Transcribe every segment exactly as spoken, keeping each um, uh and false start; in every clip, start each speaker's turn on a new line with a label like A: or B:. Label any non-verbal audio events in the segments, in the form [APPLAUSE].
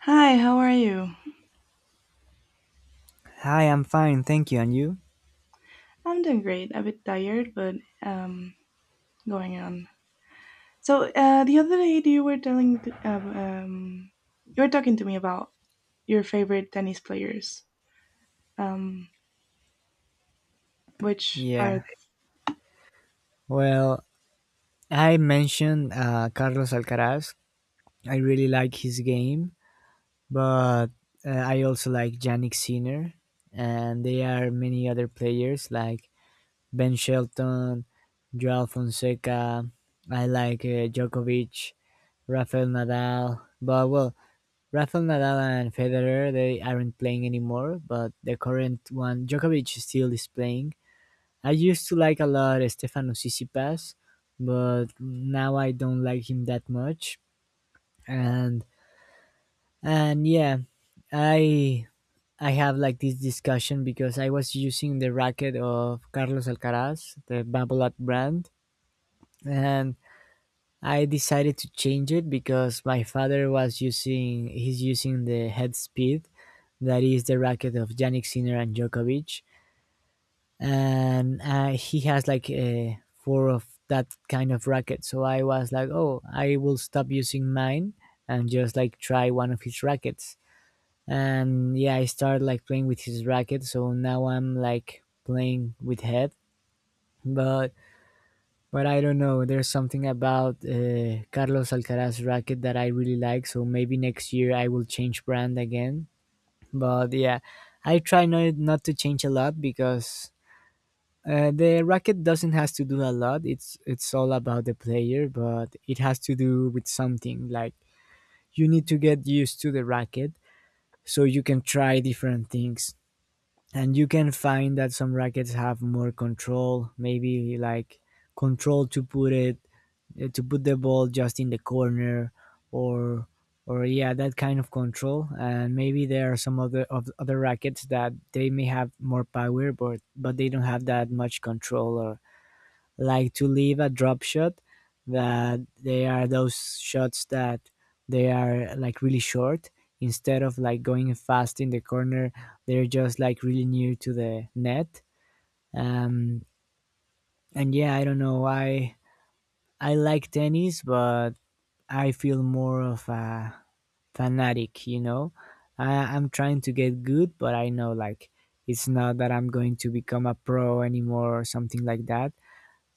A: Hi, how are you?
B: Hi, I'm fine, thank you. And you?
A: I'm doing great. A bit tired, but um, going on. So uh, the other day, you were telling, th- um, um, you were talking to me about your favorite tennis players. Um, which are
B: Yeah.
A: they?
B: Well, I mentioned uh, Carlos Alcaraz. I really like his game, but uh, I also like Yannick Sinner, and there are many other players like Ben Shelton, Joao Fonseca. I like uh, Djokovic, Rafael Nadal. But well, Rafael Nadal and Federer they aren't playing anymore. But the current one, Djokovic, still is playing. I used to like a lot uh, Stefano Tsitsipas, but now I don't like him that much. And and yeah, I I have like this discussion because I was using the racket of Carlos Alcaraz, the Babolat brand, and I decided to change it because my father was using he's using the Head Speed, that is the racket of Yannick Sinner and Djokovic, and uh, he has like uh, four of that kind of racket. So I was like, oh, I will stop using mine and just like try one of his rackets. And yeah, I started like playing with his racket. So now I'm like playing with Head, but but I don't know. There's something about uh, Carlos Alcaraz racket that I really like. So maybe next year I will change brand again. But yeah, I try not not to change a lot because Uh, the racket doesn't has to do a lot. It's it's all about the player, but it has to do with something. Like you need to get used to the racket so you can try different things. And you can find that some rackets have more control, maybe like control to put it uh, to put the ball just in the corner or or yeah, that kind of control. And maybe there are some other of other rackets that they may have more power, but but they don't have that much control or like to leave a drop shot that they are those shots that they are like really short instead of like going fast in the corner, they're just like really near to the net um and yeah i don't know i I like tennis but I feel more of a fanatic you know I, i'm trying to get good but I know like it's not that I'm going to become a pro anymore or something like that.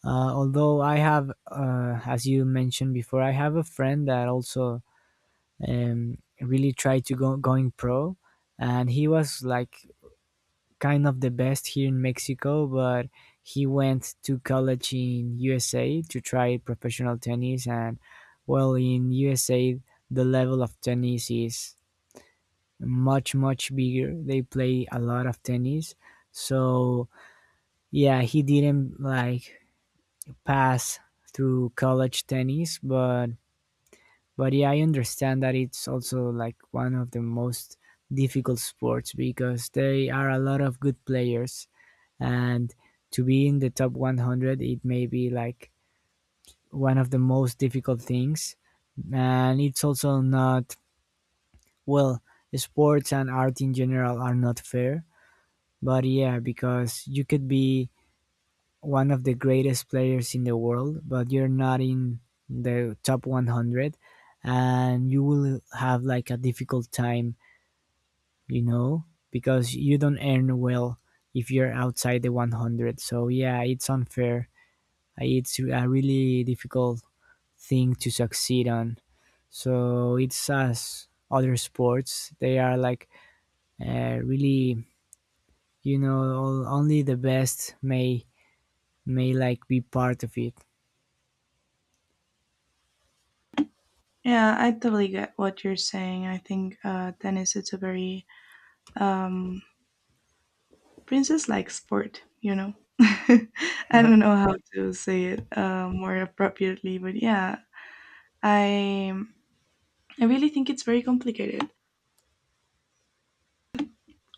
B: Uh, although I have, uh, as you mentioned before, I have a friend that also um, really tried to go going pro, and he was like kind of the best here in Mexico, but he went to college in U S A to try professional tennis, and well, in U S A the level of tennis is much much bigger. They play a lot of tennis, so yeah, he didn't like pass through college tennis, but but yeah, I understand that it's also like one of the most difficult sports because there are a lot of good players, and to be in the top one hundred, it may be like one of the most difficult things, and it's also not well. Sports and art in general are not fair, but yeah, because you could be one of the greatest players in the world, but you're not in the top one hundred, and you will have like a difficult time, you know, because you don't earn well if you're outside the one hundred. So yeah, it's unfair. Uh, It's a really difficult thing to succeed on. So it's as other sports, they are like uh, really, you know, only the best may may like be part of it.
A: Yeah, I totally get what you're saying. I think uh, tennis it's a very um, princess-like sport. You know, [LAUGHS] I don't know how to say it uh, more appropriately, but yeah, I I really think it's very complicated.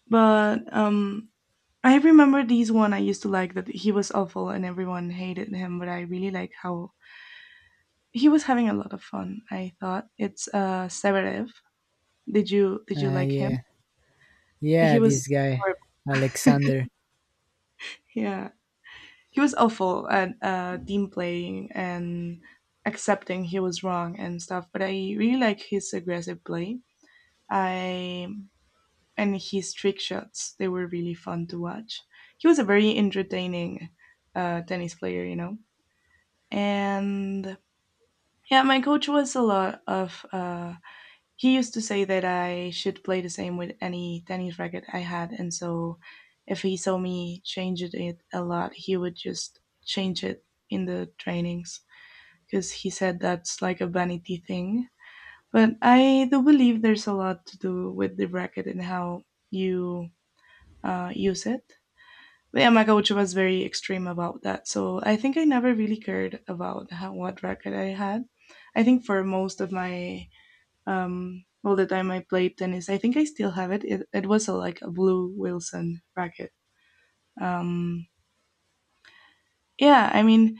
A: But um, I remember these one I used to like that he was awful and everyone hated him, but I really like how he was having a lot of fun. I thought it's uh Severev. Did you did you
B: Uh,
A: like him?
B: yeah. Yeah,
A: He
B: this
A: was
B: guy,
A: horrible.
B: Alexander.
A: [LAUGHS] yeah, he was awful at uh, team playing and accepting he was wrong and stuff. But I really like his aggressive play. I And his trick shots, they were really fun to watch. He was a very entertaining uh, tennis player, you know. And yeah, my coach was a lot of. Uh, he used to say that I should play the same with any tennis racket I had, and so if he saw me changing it a lot, he would just change it in the trainings because he said that's like a vanity thing. But I do believe there's a lot to do with the racket and how you uh, use it. Yeah, my coach was very extreme about that. So I think I never really cared about how, what record I had. I think for most of my um, all the time I played tennis, I think I still have it. It, it was a, like a blue Wilson racket. Um, yeah, I mean,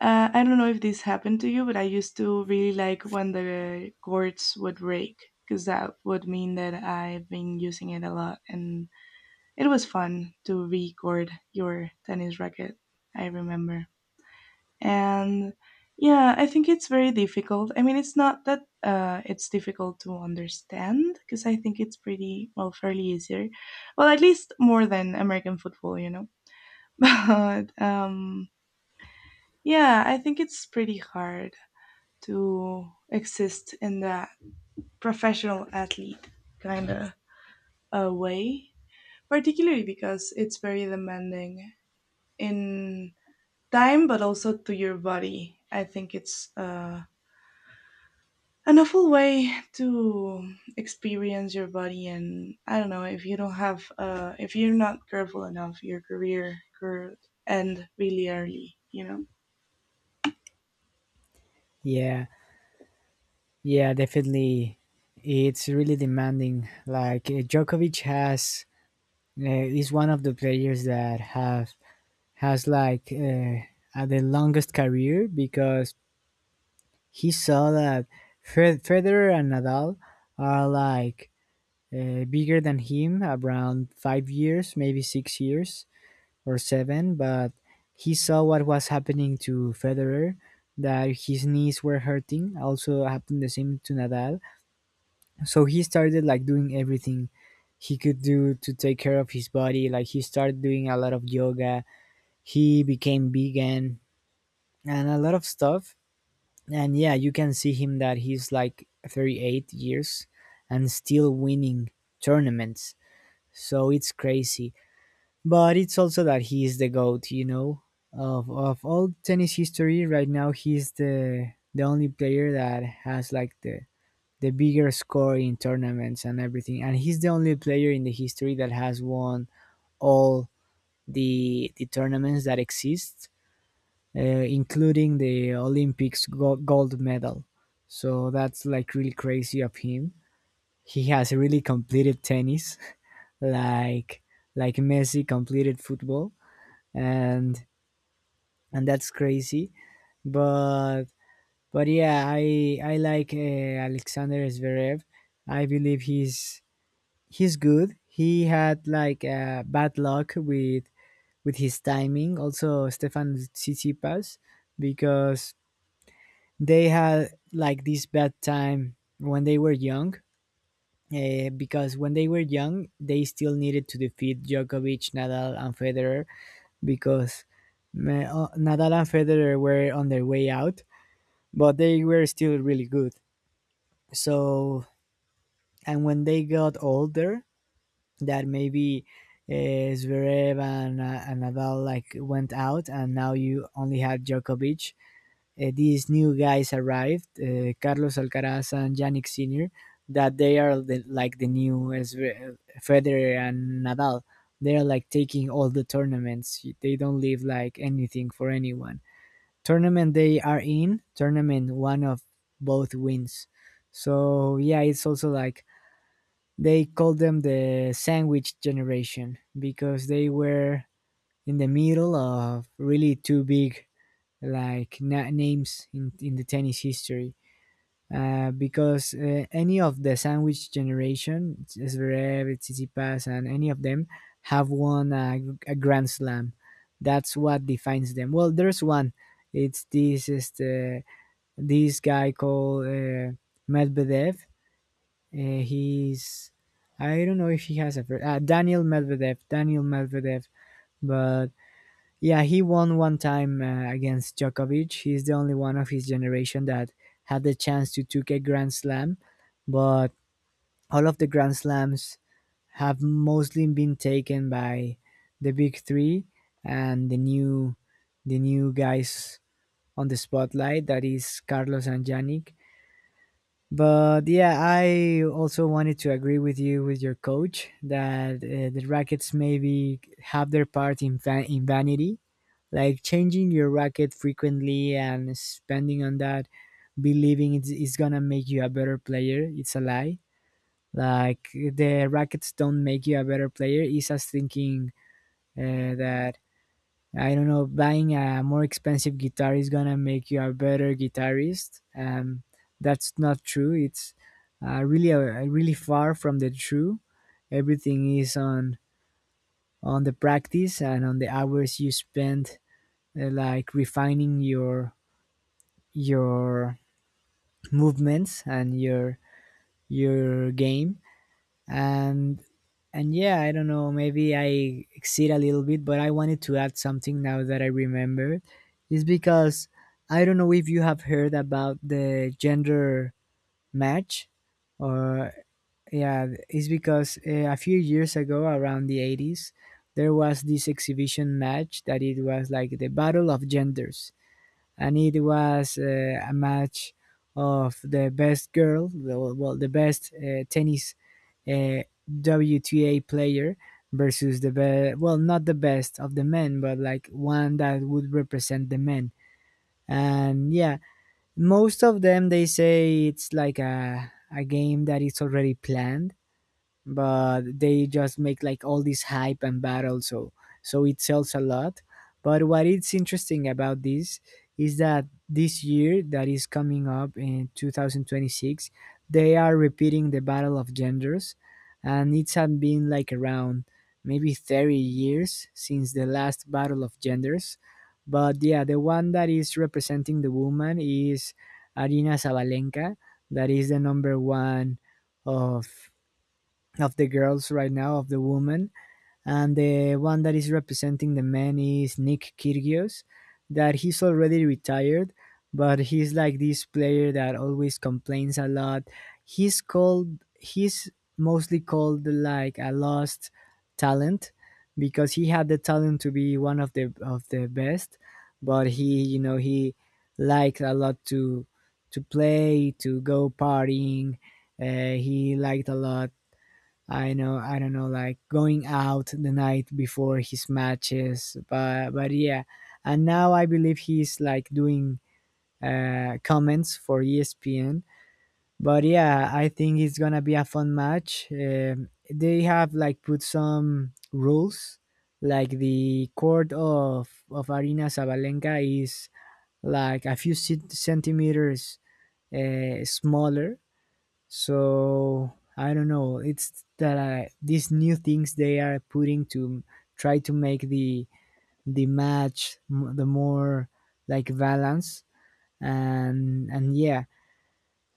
A: uh, I don't know if this happened to you, but I used to really like when the cords would break because that would mean that I've been using it a lot, and it was fun to record your tennis racket. I remember. And yeah, I think it's very difficult. I mean, it's not that uh, it's difficult to understand because I think it's pretty, well, fairly easier. Well, at least more than American football, you know? [LAUGHS] But um, yeah, I think it's pretty hard to exist in that professional athlete kind of uh, way, particularly because it's very demanding in time, but also to your body. I think it's. Uh, an awful way to experience your body. And I don't know, if you don't have uh if you're not careful enough, your career could end really early, you know.
B: Yeah, yeah, definitely. It's really demanding. Like uh, Djokovic has uh, is one of the players that have has like uh, uh, the longest career because he saw that Fed- Federer and Nadal are like uh, bigger than him, around five years, maybe six years, or seven, but he saw what was happening to Federer, that his knees were hurting. Also happened the same to Nadal. So he started like doing everything he could do to take care of his body. Like he started doing a lot of yoga. He became vegan and a lot of stuff. And yeah, you can see him that he's like thirty-eight years and still winning tournaments. So it's crazy. But it's also that he is the goat, you know, of of all tennis history. Right now, he's the the only player that has like the the bigger score in tournaments and everything, and he's the only player in the history that has won all the the tournaments that exist, uh, including the Olympics go- gold medal. So that's like really crazy of him. He has really completed tennis, [LAUGHS] like like Messi completed football, and and that's crazy. But but yeah, I I like uh, Alexander Zverev. I believe he's he's good. He had like uh, bad luck with with his timing. Also, Stefan Tsitsipas because they had like this bad time when they were young. Uh, because when they were young, they still needed to defeat Djokovic, Nadal, and Federer because uh, Nadal and Federer were on their way out but they were still really good. So, and when they got older, that maybe uh, Zverev and, uh, and Nadal like went out, and now you only had Djokovic. Uh, these new guys arrived, uh, Carlos Alcaraz and Yannick Senior, that they are the, like the new Zver- Federer and Nadal. They are like taking all the tournaments. They don't leave like anything for anyone tournament they are in, tournament one of both wins. So yeah, it's also like they call them the sandwich generation because they were in the middle of really two big like na- names in, in the tennis history. Uh, because uh, any of the sandwich generation, Zverev, Tsitsipas, and any of them have won a, a Grand Slam. That's what defines them. Well, there's one. It's this is the this guy called uh, Medvedev. Uh, he's I don't know if he has a fir- uh, Daniel Medvedev. Daniel Medvedev, but yeah, he won one time uh, against Djokovic. He's the only one of his generation that had the chance to take a Grand Slam, but all of the Grand Slams have mostly been taken by the big three and the new the new guys on the spotlight that is Carlos and Yannick. But yeah, I also wanted to agree with you with your coach that uh, the rackets maybe have their part in va- in vanity, like changing your racket frequently and spending on that, believing it's, it's gonna make you a better player. It's a lie. Like the rackets don't make you a better player. It's us thinking uh, that I don't know, buying a more expensive guitar is gonna make you a better guitarist. Um, that's not true. It's uh, really uh, really far from the true. Everything is on on the practice and on the hours you spend uh, like refining your your movements and your your game. And and yeah i don't know maybe i exceed a little bit but I wanted to add something now that I remember is because I don't know if you have heard about the gender match or yeah it's because uh, a few years ago around the eighties there was this exhibition match that it was like the battle of genders and it was uh, a match of the best girl, well, well, the best uh, tennis uh, W T A player versus the best, well, not the best of the men, but like one that would represent the men. And yeah, most of them they say it's like a a game that is already planned, but they just make like all this hype and battle, so so it sells a lot. But what is interesting about this is that this year that is coming up in two thousand twenty-six, they are repeating the battle of genders, and it's had been like around maybe thirty years since the last battle of genders. But yeah, the one that is representing the woman is Arina Zabalenka, that is the number one of of the girls right now, of the woman. And the one that is representing the men is Nick Kyrgios, that he's already retired, but he's like this player that always complains a lot. He's called, he's mostly called like a lost talent, because he had the talent to be one of the of the best, but he, you know, he liked a lot to to play, to go partying. Uh, he liked a lot, I know, I don't know, like going out the night before his matches, but but yeah. And now I believe he's like doing uh, comments for E S P N. But yeah, I think it's gonna be a fun match. Um, they have like put some rules, like the court of of Arina Sabalenka is like a few cent- centimeters uh, smaller. So I don't know, it's that I, these new things they are putting to try to make the the match m- the more like balance. and and yeah,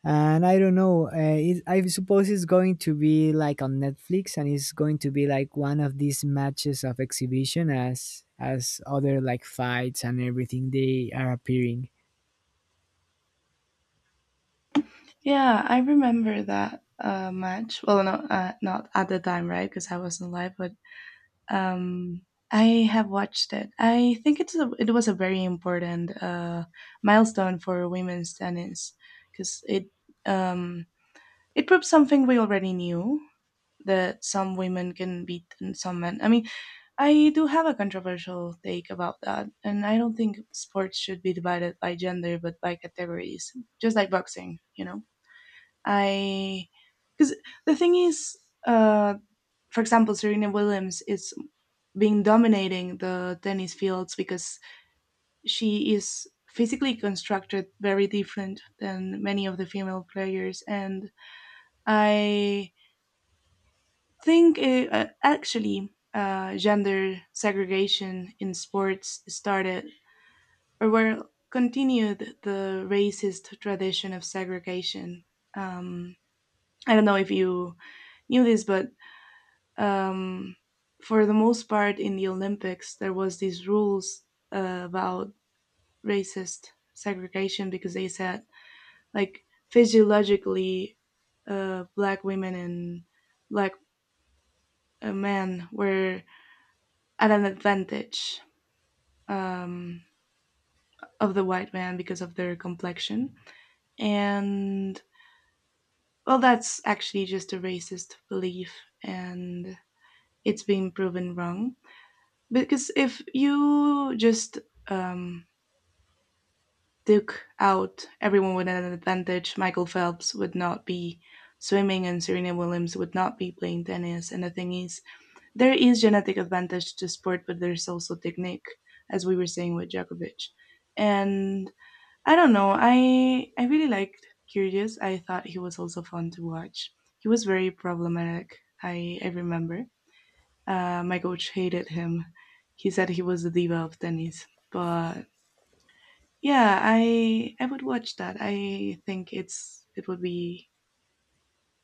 B: and I don't know, uh, it, I suppose it's going to be like on Netflix, and it's going to be like one of these matches of exhibition, as as other like fights and everything they are appearing.
A: Yeah, I remember that uh match. Well, no, uh, not at the time, right? Because I wasn't live, but um I have watched it. I think it's a, it was a very important uh milestone for women's tennis, because it um it proved something we already knew, that some women can beat and some men. I mean, I do have a controversial take about that, and I don't think sports should be divided by gender but by categories, just like boxing, you know. I Because the thing is, uh, for example, Serena Williams is being dominating the tennis fields because she is physically constructed very different than many of the female players. And I think uh, uh, actually uh, gender segregation in sports started, or were continued, the racist tradition of segregation. Um, I don't know if you knew this, but um, for the most part in the Olympics, there was these rules uh, about racist segregation because they said, like, physiologically, uh, black women and black uh, men were at an advantage um, of the white man because of their complexion. And well, that's actually just a racist belief, and it's been proven wrong. Because if you just um, took out everyone with an advantage, Michael Phelps would not be swimming and Serena Williams would not be playing tennis. And the thing is, there is genetic advantage to sport, but there's also technique, as we were saying with Djokovic. And I don't know. I I really liked Curious. I thought he was also fun to watch. He was very problematic. I I remember. Uh, my coach hated him. He said he was the diva of tennis. But yeah, I I would watch that. I think it's it would be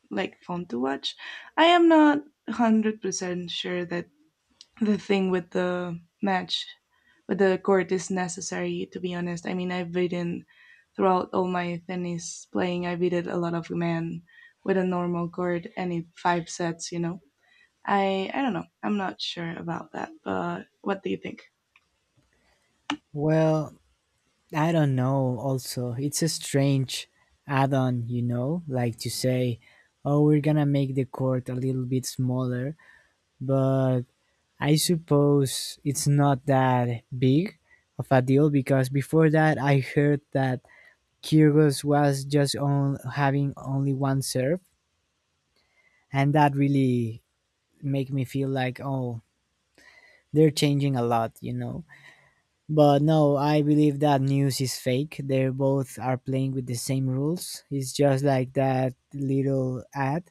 A: like fun to watch. I am not hundred percent sure that the thing with the match with the court is necessary, to be honest. I mean, I've beaten, throughout all my tennis playing, I beaten a lot of men with a normal court and in five sets, you know. I i don't know, I'm not sure about that, but what do you think?
B: Well, I don't know, also. It's a strange add on, you know, like to say, oh, we're gonna make the court a little bit smaller. But I suppose it's not that big of a deal, because before that I heard that Kyrgios was just on having only one serve, and that really make me feel like, oh, they're changing a lot, you know. But no, I believe that news is fake. They both are playing with the same rules. It's just like that little ad.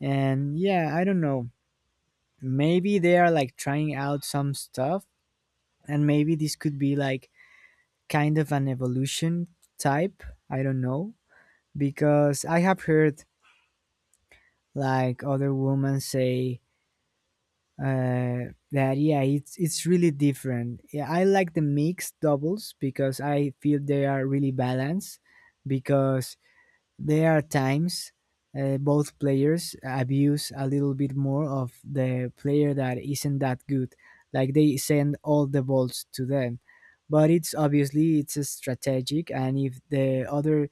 B: And yeah, I don't know. Maybe they are like trying out some stuff. And maybe this could be like kind of an evolution type. I don't know. Because I have heard like other women say uh that yeah, it's it's really different. Yeah, I like the mixed doubles, because I feel they are really balanced. Because there are times, uh, both players abuse a little bit more of the player that isn't that good, like they send all the balls to them. But it's obviously it's a strategic, and if the other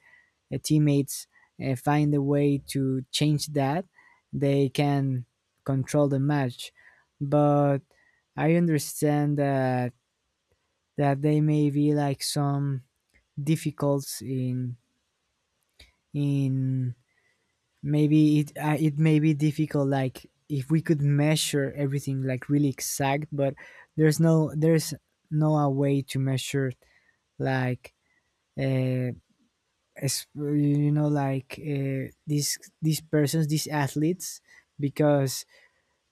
B: uh, teammates uh, find a way to change that, they can control the match. But I understand that that they may be like some difficulties in in maybe it uh, it may be difficult, like if we could measure everything like really exact. But there's no, there's no a way to measure like, uh, as- you know, like uh, these these persons, these athletes, because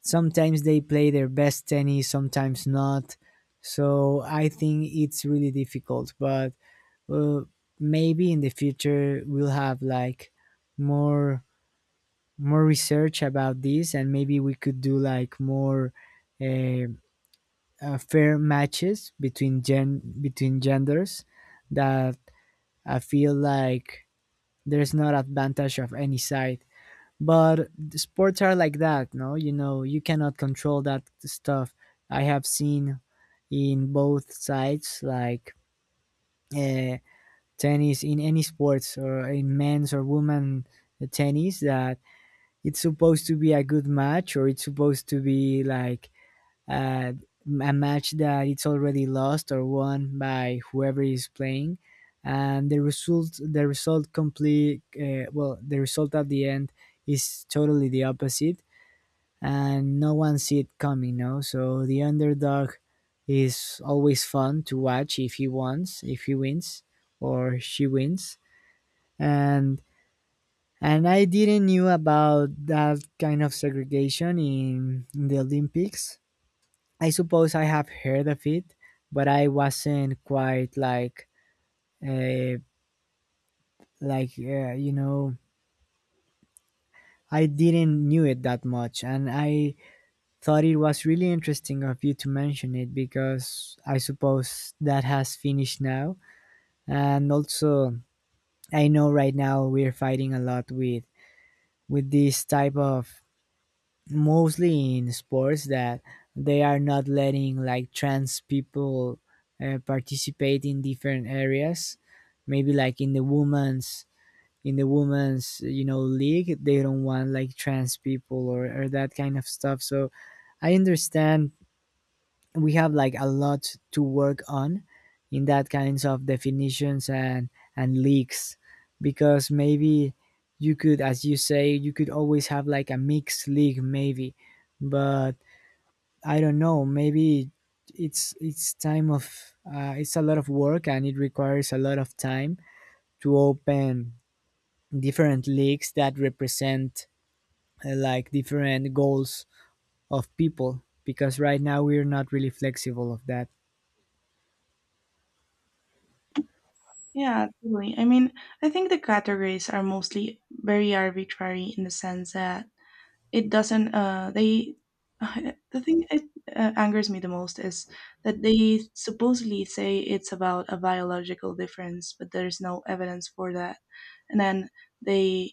B: sometimes they play their best tennis, sometimes not. So I think it's really difficult. But uh, maybe in the future we'll have like more more research about this, and maybe we could do like more uh, uh, fair matches between gen between genders, that I feel like there's not advantage of any side. But the sports are like that, no, you know, you cannot control that stuff. I have seen in both sides like, uh, tennis in any sports, or in men's or women tennis, that it's supposed to be a good match, or it's supposed to be like uh, a match that it's already lost or won by whoever is playing, and the result, the result complete uh, well, the result at the end is totally the opposite, and no one see it coming, no. So the underdog is always fun to watch if he wants, if he wins or she wins. and and I didn't knew about that kind of segregation in, in the Olympics. I suppose I have heard of it, but I wasn't quite like, uh, like uh, you know, I didn't knew it that much, and I thought it was really interesting of you to mention it, because I suppose that has finished now. And also, I know right now we're fighting a lot with with this type of, mostly in sports, that they are not letting like trans people uh, participate in different areas, maybe like in the women's, in the women's, you know, league, they don't want like trans people or, or that kind of stuff. So I understand, we have like a lot to work on in that kinds of definitions and and leaks. Because maybe you could, as you say, you could always have like a mixed league maybe. But I don't know, maybe it's it's time of, uh, it's a lot of work and it requires a lot of time to open different leagues that represent uh, like different goals of people, because right now we're not really flexible of that.
A: Yeah, totally. I mean, I think the categories are mostly very arbitrary in the sense that it doesn't uh they [SIGHS] [LAUGHS] the thing that uh, angers me the most is that they supposedly say it's about a biological difference, but there's no evidence for that. And then they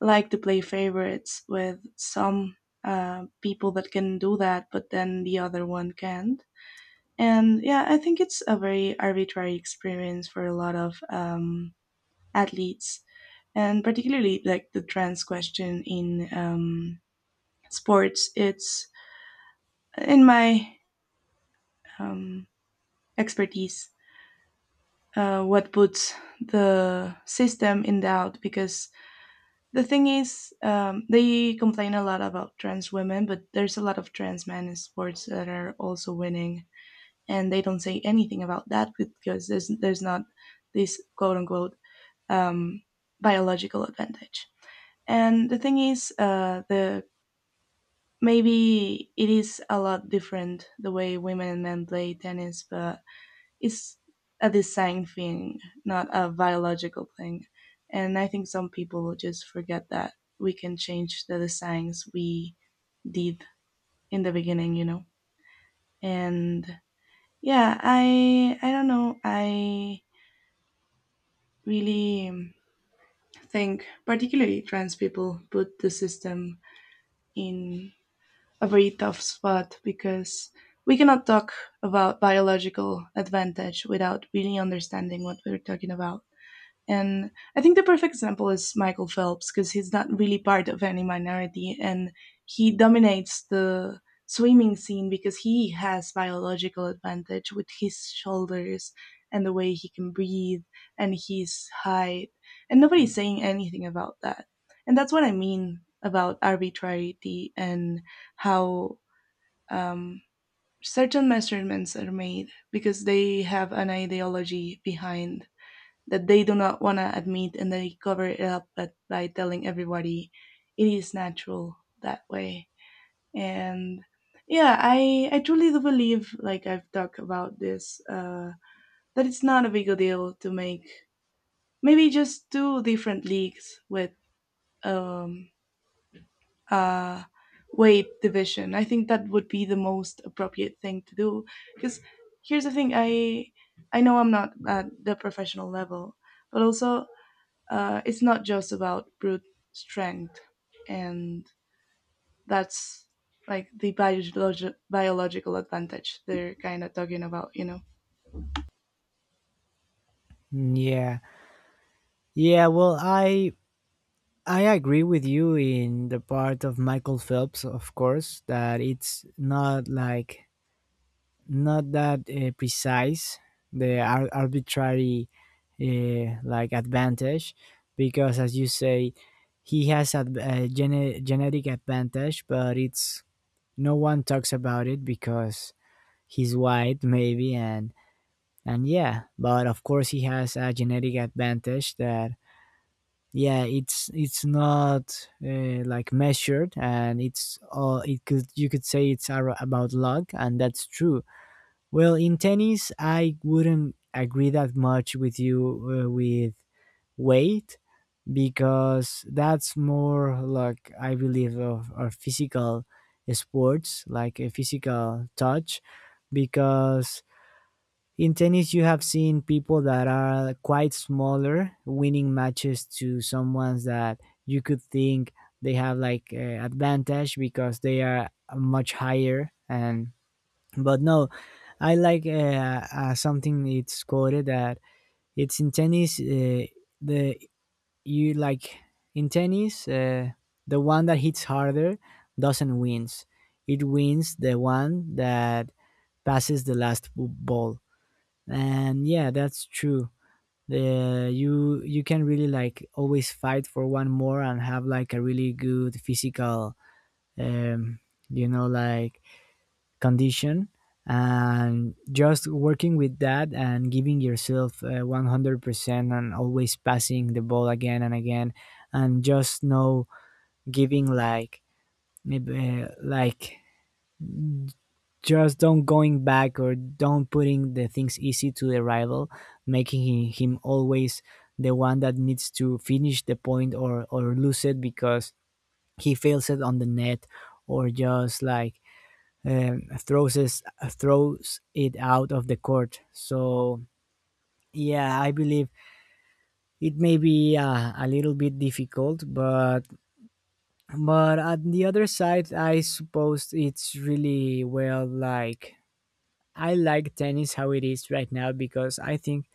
A: like to play favorites with some uh, people that can do that, but then the other one can't. And yeah, I think it's a very arbitrary experience for a lot of um, athletes. And particularly like the trans question in um, sports, it's in my um, expertise, uh, what puts the system in doubt. Because the thing is, um, they complain a lot about trans women, but there's a lot of trans men in sports that are also winning, and they don't say anything about that because there's there's not this quote unquote um, biological advantage. And the thing is, uh, the maybe it is a lot different the way women and men play tennis, but it's a design thing, not a biological thing. And I think some people just forget that we can change the designs we did in the beginning, you know. And yeah, I I don't know. I really um, think particularly trans people put the system in a very tough spot, because we cannot talk about biological advantage without really understanding what we're talking about. And I think the perfect example is Michael Phelps because he's not really part of any minority, and he dominates the swimming scene because he has biological advantage with his shoulders and the way he can breathe and his height. And nobody's saying anything about that. And that's what I mean about arbitrarity and how um, certain measurements are made because they have an ideology behind that they do not want to admit, and they cover it up but by telling everybody it is natural that way. And yeah, i i truly do believe, like I've talked about this uh that it's not a big deal to make maybe just two different leagues with um uh weight division. I think that would be the most appropriate thing to do, because here's the thing. I i know I'm not at the professional level, but also uh, it's not just about brute strength, and that's like the biologi- biological advantage they're kind of talking about, you know.
B: Yeah. Yeah, well, I I agree with you in the part of Michael Phelps, of course, that it's not like, not that uh, precise, the ar- arbitrary uh, like advantage, because as you say, he has a, a gene- genetic advantage, but it's, no one talks about it because he's white maybe. and and yeah, but of course he has a genetic advantage that, yeah, it's it's not uh, like measured, and it's all, it could, you could say it's ar- about luck, and that's true. Well, in tennis I wouldn't agree that much with you uh, with weight, because that's more like I believe of our physical sports, like a physical touch. Because in tennis you have seen people that are quite smaller winning matches to someone that you could think they have like uh, advantage because they are much higher. And but no, I like, uh, uh, something it's quoted that it's in tennis, uh, the you like in tennis, uh, the one that hits harder doesn't wins, it wins the one that passes the last b- ball. And yeah, that's true, the you, you can really like always fight for one more, and have like a really good physical um you know, like condition. And just working with that, and giving yourself uh, one hundred percent and always passing the ball again and again, and just no giving like, maybe uh, like just don't going back, or don't putting the things easy to the rival, making hi- him always the one that needs to finish the point, or or lose it because he fails it on the net, or just like um, throws us, throws it out of the court. So yeah, I believe it may be uh, a little bit difficult, but but on the other side, I suppose it's really well, like I like tennis how it is right now, because I think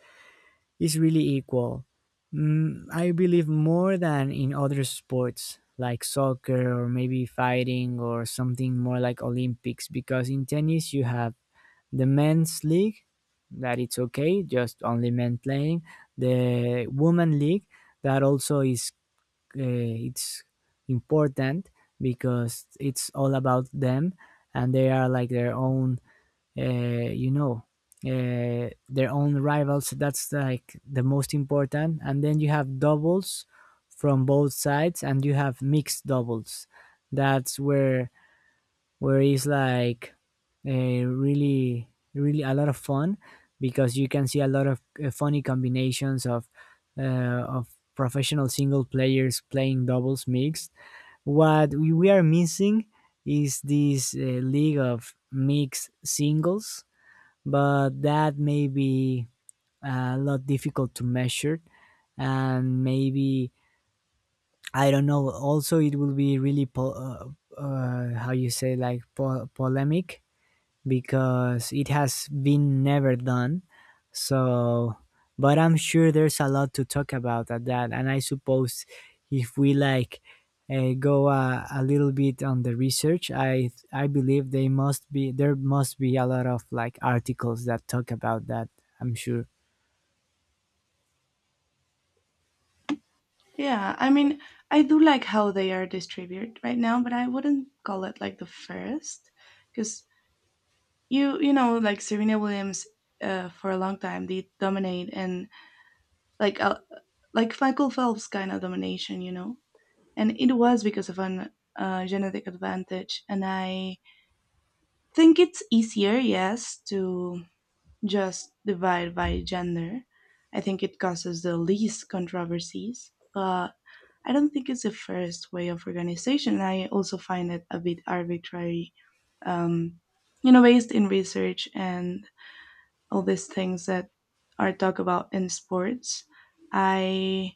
B: it's really equal. Mm, I believe more than in other sports like soccer or maybe fighting or something more like Olympics. Because in tennis you have the men's league, that it's okay, just only men playing, the women league, that also is uh, it's important, because it's all about them, and they are like their own, uh, you know uh, their own rivals, that's like the most important. And then you have doubles from both sides, and you have mixed doubles, that's where where it's like uh, really, really a lot of fun, because you can see a lot of uh, funny combinations of uh, of professional single players playing doubles mixed. What we we are missing is this uh, league of mixed singles, but that may be a lot difficult to measure. And maybe, I don't know. Also, it will be really po- uh, uh, how you say, like po- polemic, because it has been never done. So, but I'm sure there's a lot to talk about at that. And I suppose if we like uh, go uh, a little bit on the research, I I believe they must be, there must be a lot of like articles that talk about that. I'm sure.
A: Yeah, I mean, I do like how they are distributed right now, but I wouldn't call it like the first, because you you know like Serena Williams uh, for a long time did dominate and like uh, like Michael Phelps kind of domination, you know. And it was because of an uh, genetic advantage. And I think it's easier, yes, to just divide by gender. I think it causes the least controversies, but I don't think it's the first way of organization. And I also find it a bit arbitrary, um, you know, based in research and all these things that are talked about in sports. I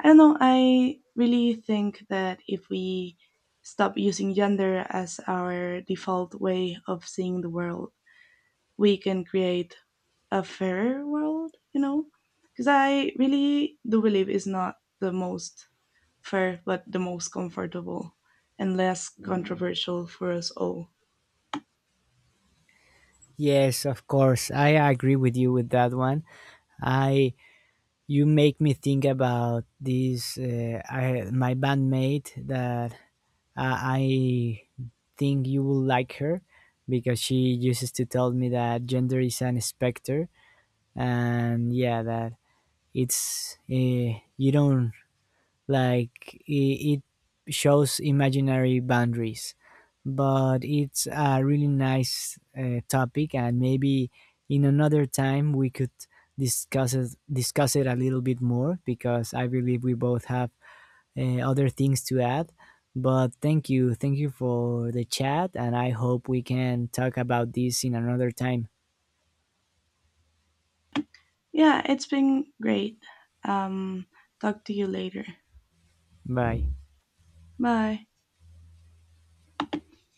A: I don't know. I really think that if we stop using gender as our default way of seeing the world, we can create a fairer world, you know? Because I really do believe it's not the most fair, but the most comfortable and less controversial for us all.
B: Yes, of course. I agree with you with that one. I You make me think about this uh, I, my bandmate that uh, I think you will like her, because she uses to tell me that gender is an specter. And yeah, that it's, uh, you don't like, it, it shows imaginary boundaries. But it's a really nice uh, topic, and maybe in another time we could discuss it discuss it a little bit more, because I believe we both have uh, other things to add. But thank you thank you for the chat, and I hope we can talk about this in another time.
A: Yeah, it's been great. Um, talk to you later.
B: Bye.
A: Bye.